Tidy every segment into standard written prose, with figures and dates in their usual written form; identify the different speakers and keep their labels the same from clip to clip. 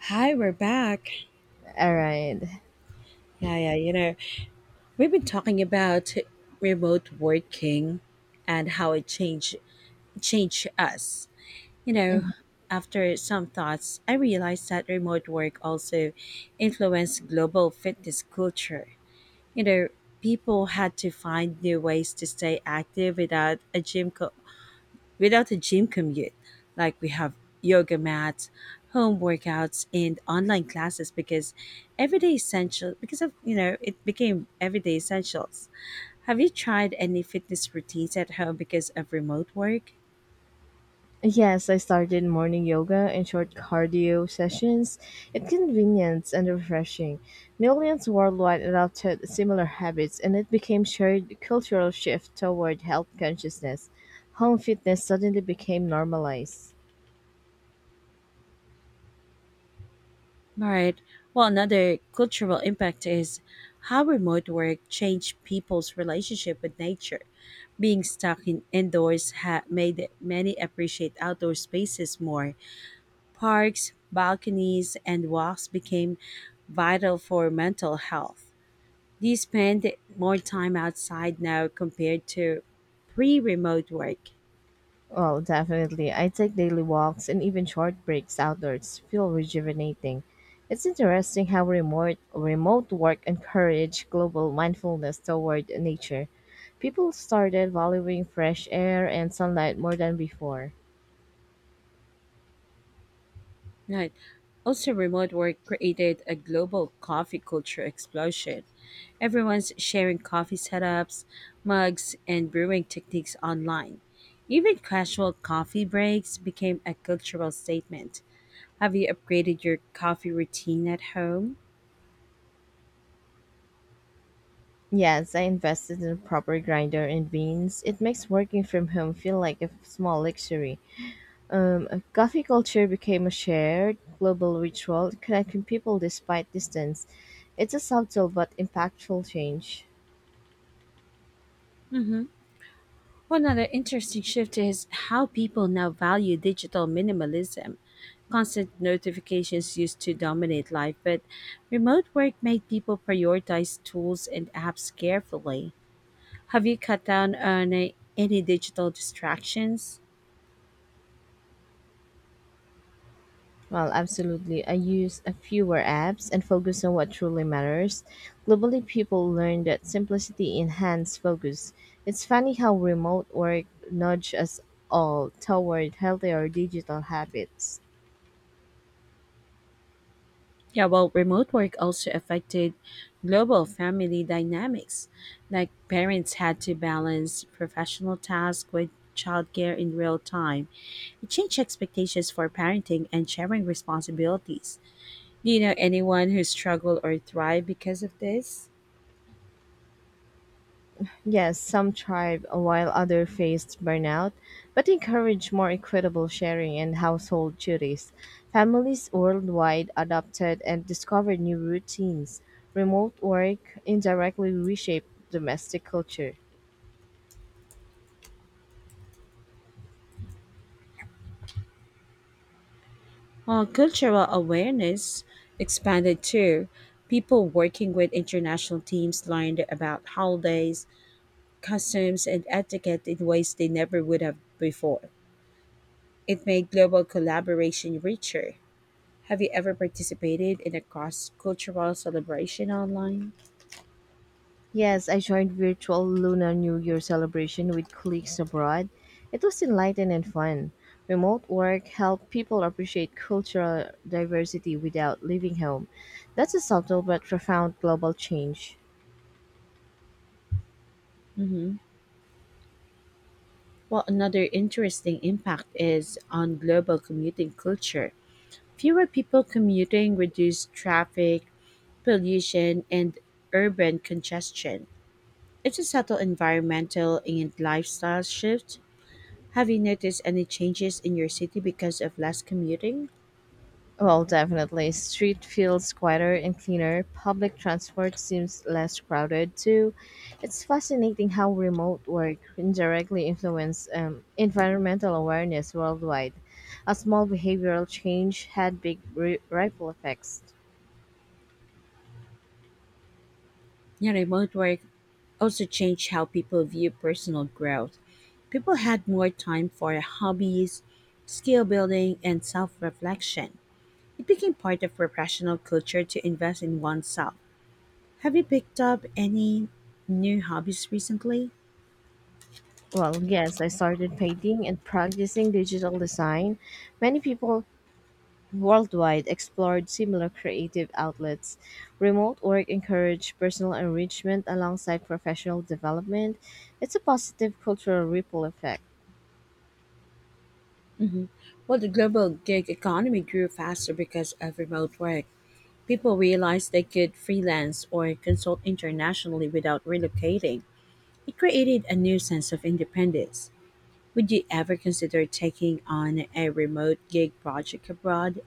Speaker 1: Hi, we're back.
Speaker 2: All right.
Speaker 1: Yeah, yeah, we've been talking about remote working and how it changed us. You know, After some thoughts, I realized that remote work also influenced global fitness culture. You know, People had to find new ways to stay active without without a gym commute. Like we have yoga mats, home workouts, and online classes because everyday essential because of it became everyday essentials. Have you tried any fitness routines at home because of remote work?
Speaker 2: Yes, I started morning yoga and short cardio sessions. It's convenient and refreshing. Millions worldwide adopted similar habits, and it became shared cultural shift toward health consciousness. Home fitness suddenly became normalized.
Speaker 1: All right. Well, another cultural impact is how remote work changed people's relationship with nature. Being stuck in indoors made many appreciate outdoor spaces more. Parks, balconies, and walks became vital for mental health. They spend more time outside now compared to pre remote work.
Speaker 2: Well, definitely. I take daily walks and even short breaks outdoors. Feel rejuvenating. It's interesting how remote work encouraged global mindfulness toward nature. People started valuing fresh air and sunlight more than before.
Speaker 1: Right. Also, remote work created a global coffee culture explosion. Everyone's sharing coffee setups, mugs, and brewing techniques online. Even casual coffee breaks became a cultural statement. Have you upgraded your coffee routine at home?
Speaker 2: Yes, I invested in a proper grinder and beans. It makes working from home feel like a small luxury. A coffee culture became a shared global ritual connecting people despite distance. It's a subtle but impactful change.
Speaker 1: Mhm. One other interesting shift is how people now value digital minimalism. Constant notifications used to dominate life, but remote work made people prioritize tools and apps carefully. Have you cut down on any digital distractions?
Speaker 2: Well, absolutely. I use a fewer apps and focus on what truly matters. Globally, people learn that simplicity enhances focus. It's funny how remote work nudges us all toward healthier digital habits.
Speaker 1: Yeah, well, remote work also affected global family dynamics. Like parents had to balance professional tasks with childcare in real time. It changed expectations for parenting and sharing responsibilities. Do you know anyone who struggled or thrived because of this?
Speaker 2: Yes, some thrived while others faced burnout, but encouraged more equitable sharing and household duties. Families worldwide adopted and discovered new routines. Remote work indirectly reshaped domestic culture.
Speaker 1: Well, cultural awareness expanded too. People working with international teams learned about holidays, customs, and etiquette in ways they never would have before. It made global collaboration richer. Have you ever participated in a cross cultural celebration online?
Speaker 2: Yes, I joined virtual Lunar New Year celebration with colleagues abroad. It was enlightening and fun. Remote work helped people appreciate cultural diversity without leaving home. That's a subtle but profound global change.
Speaker 1: Hmm. Well, another interesting impact is on global commuting culture. Fewer people commuting reduce traffic, pollution, and urban congestion. It's a subtle environmental and lifestyle shift. Have you noticed any changes in your city because of less commuting?
Speaker 2: Well, definitely. Street feels quieter and cleaner. Public transport seems less crowded too. It's fascinating how remote work indirectly influences environmental awareness worldwide. A small behavioral change had big ri ripple effects.
Speaker 1: Yeah, remote work also changed how people view personal growth. People had more time for hobbies, skill building, and self reflection. It became part of professional culture to invest in oneself. Have you picked up any new hobbies recently?
Speaker 2: Well, yes, I started painting and practicing digital design. Many people worldwide explored similar creative outlets. Remote work encouraged personal enrichment alongside professional development. It's a positive cultural ripple effect.
Speaker 1: Hmm. Well, the global gig economy grew faster because of remote work. People realized they could freelance or consult internationally without relocating. It created a new sense of independence. Would you ever consider taking on a remote gig project abroad?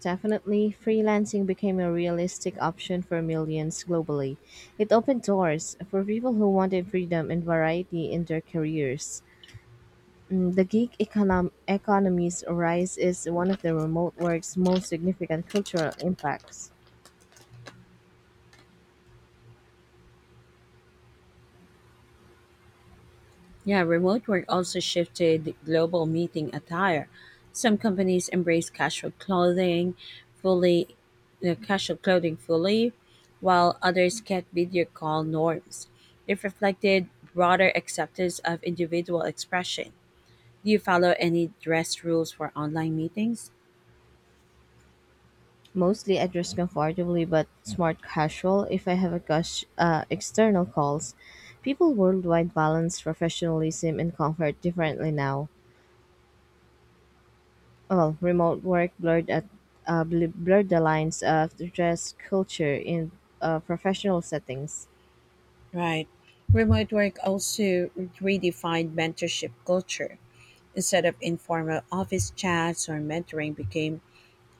Speaker 2: Definitely, freelancing became a realistic option for millions globally. It opened doors for people who wanted freedom and variety in their careers. Mm, the gig economy's rise is one of the remote work's most significant cultural impacts.
Speaker 1: Yeah, remote work also shifted global meeting attire. Some companies embrace casual clothing fully, the casual clothing fully, while others kept video call norms. It reflected broader acceptance of individual expression. Do you follow any dress rules for online meetings?
Speaker 2: Mostly I dress comfortably but smart casual if I have a gush, external calls. People worldwide balance professionalism and comfort differently now. Well, remote work blurred the lines of the dress culture in professional settings.
Speaker 1: Right. Remote work also redefined mentorship culture. Instead of informal office chats or mentoring became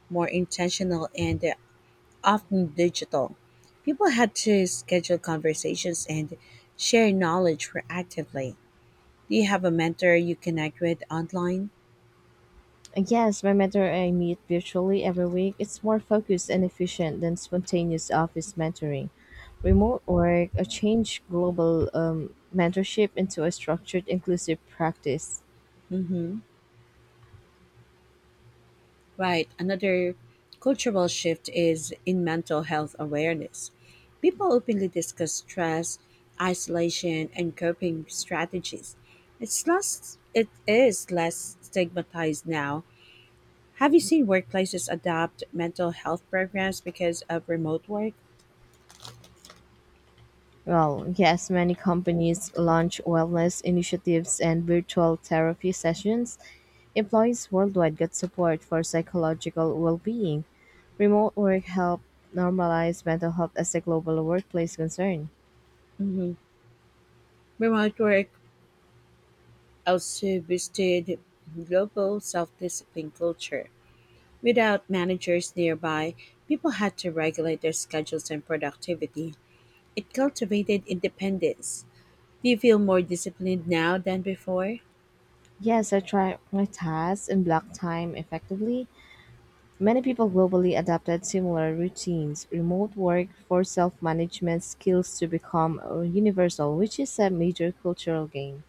Speaker 1: more intentional and often digital. People had to schedule conversations and share knowledge proactively. Do you have a mentor you connect with online?
Speaker 2: And Yes, my mentor I meet virtually every week. It's more focused and efficient than spontaneous office mentoring. Remote work a change global mentorship into a structured, inclusive practice.
Speaker 1: Mm-hmm. Right. Another cultural shift is in mental health awareness. People openly discuss stress, isolation, and coping strategies. It is less stigmatized now. Have you seen workplaces adopt mental health programs because of remote work?
Speaker 2: Well, yes, many companies launch wellness initiatives and virtual therapy sessions. Employees worldwide get support for psychological well being. Remote work helped normalize mental health as a global workplace concern.
Speaker 1: Hmm. Remote work also boosted global self-discipline culture. Without managers nearby, people had to regulate their schedules and productivity. It cultivated independence. Do you feel more disciplined now than before?
Speaker 2: Yes, I track my tasks and block time effectively. Many people globally adopted similar routines. Remote work for self management skills to become universal, which is a major cultural gain.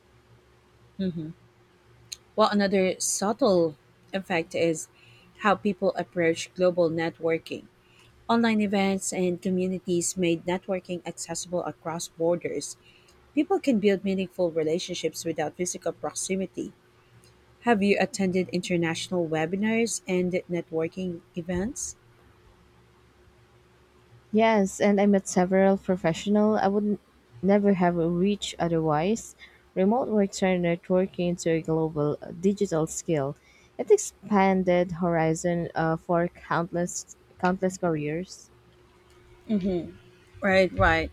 Speaker 1: Hmm. Well, another subtle effect is how people approach global networking. Online events and communities made networking accessible across borders. People can build meaningful relationships without physical proximity. Have you attended international webinars and networking events?
Speaker 2: Yes, and I met several professional I would never have reached otherwise. Remote work turned networking into a global digital skill. It expanded horizon for countless careers.
Speaker 1: Right, right.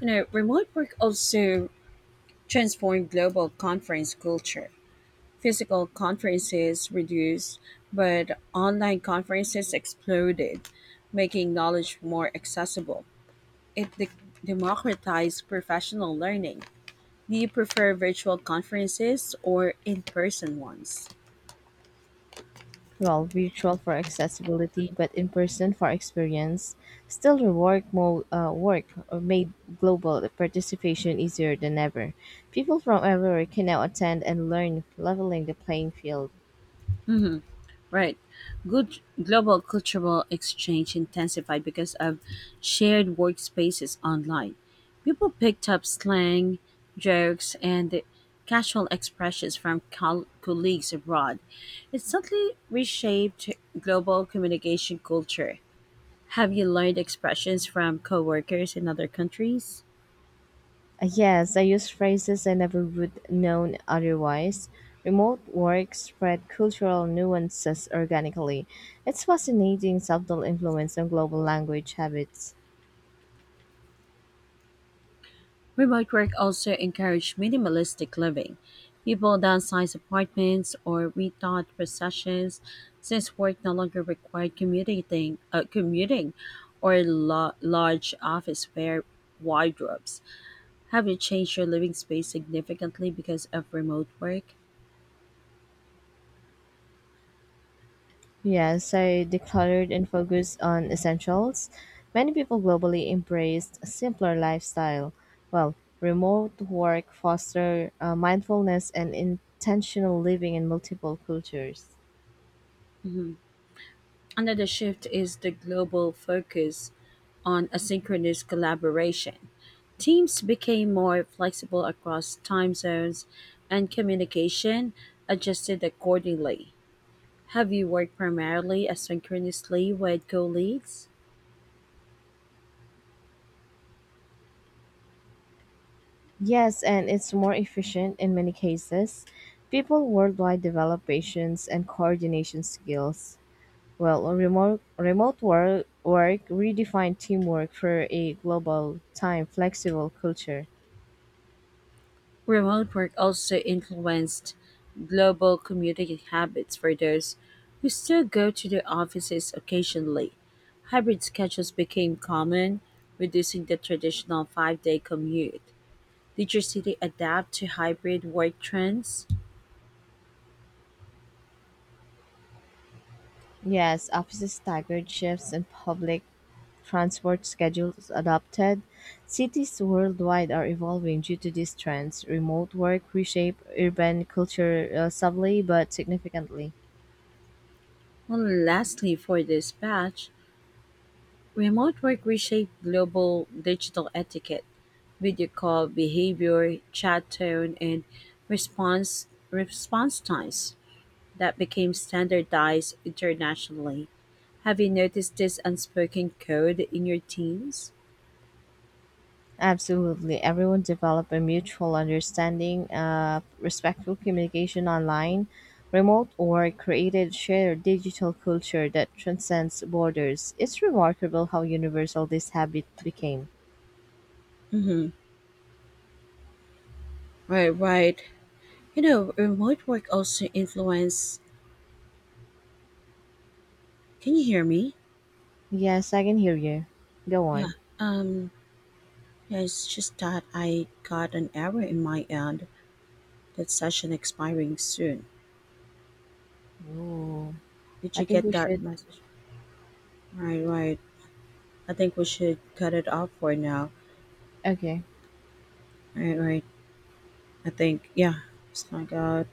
Speaker 1: You know, remote work also transformed global conference culture. Physical conferences reduced, but online conferences exploded, making knowledge more accessible. It democratized professional learning. Do you prefer virtual conferences or in person ones?
Speaker 2: Well, virtual for accessibility, but in person for experience. Still, the work made global participation easier than ever. People from everywhere can now attend and learn, leveling the playing field.
Speaker 1: Right. Good global cultural exchange intensified because of shared workspaces online. People picked up slang, jokes, and casual expressions from colleagues abroad. It subtly reshaped global communication culture. Have you learned expressions from coworkers in other countries?
Speaker 2: Yes, I use phrases I never would known otherwise. Remote work spread cultural nuances organically. It's fascinating subtle influence on global language habits.
Speaker 1: Remote work also encouraged minimalistic living. People downsized apartments or rethought possessions since work no longer required commuting or large office wear wardrobes. Have you changed your living space significantly because of remote work?
Speaker 2: Yes, I decluttered and focused on essentials. Many people globally embraced a simpler lifestyle. Well, remote work foster mindfulness and intentional living in multiple cultures.
Speaker 1: Another shift is the global focus on asynchronous collaboration. Teams became more flexible across time zones and communication adjusted accordingly. Have you worked primarily asynchronously with colleagues?
Speaker 2: Yes, and it's more efficient in many cases. People worldwide develop patience and coordination skills. Well, remote work redefined teamwork for a global time flexible culture.
Speaker 1: Remote work also influenced global commuting habits for those who still go to their offices occasionally. Hybrid schedules became common, reducing the traditional 5-day commute. Did your city adapt to hybrid work trends?
Speaker 2: Yes, offices staggered shifts and public transport schedules adopted. Cities worldwide are evolving due to these trends. Remote work reshape urban culture subtly but significantly.
Speaker 1: And lastly, for this batch, remote work reshaped global digital etiquette, video call behavior, chat tone, and response times that became standardized internationally. Have you noticed this unspoken code in your teams?
Speaker 2: Absolutely. Everyone develop a mutual understanding, respectful communication online, remote or created shared digital culture that transcends borders. It's remarkable how universal this habit became.
Speaker 1: Mm-hmm. Right, right. You know, remote work also influence. Can you hear me?
Speaker 2: Yes, I can hear you. Go
Speaker 1: Yeah.
Speaker 2: on.
Speaker 1: Um, Yeah, it's just that I got an error in my end that session expiring soon.
Speaker 2: Ooh,
Speaker 1: Did
Speaker 2: I
Speaker 1: you
Speaker 2: think
Speaker 1: get
Speaker 2: we
Speaker 1: that
Speaker 2: should.
Speaker 1: message? Right, right. I think we should cut it off for now.
Speaker 2: Okay.
Speaker 1: Right, right. I think, yeah. It's like.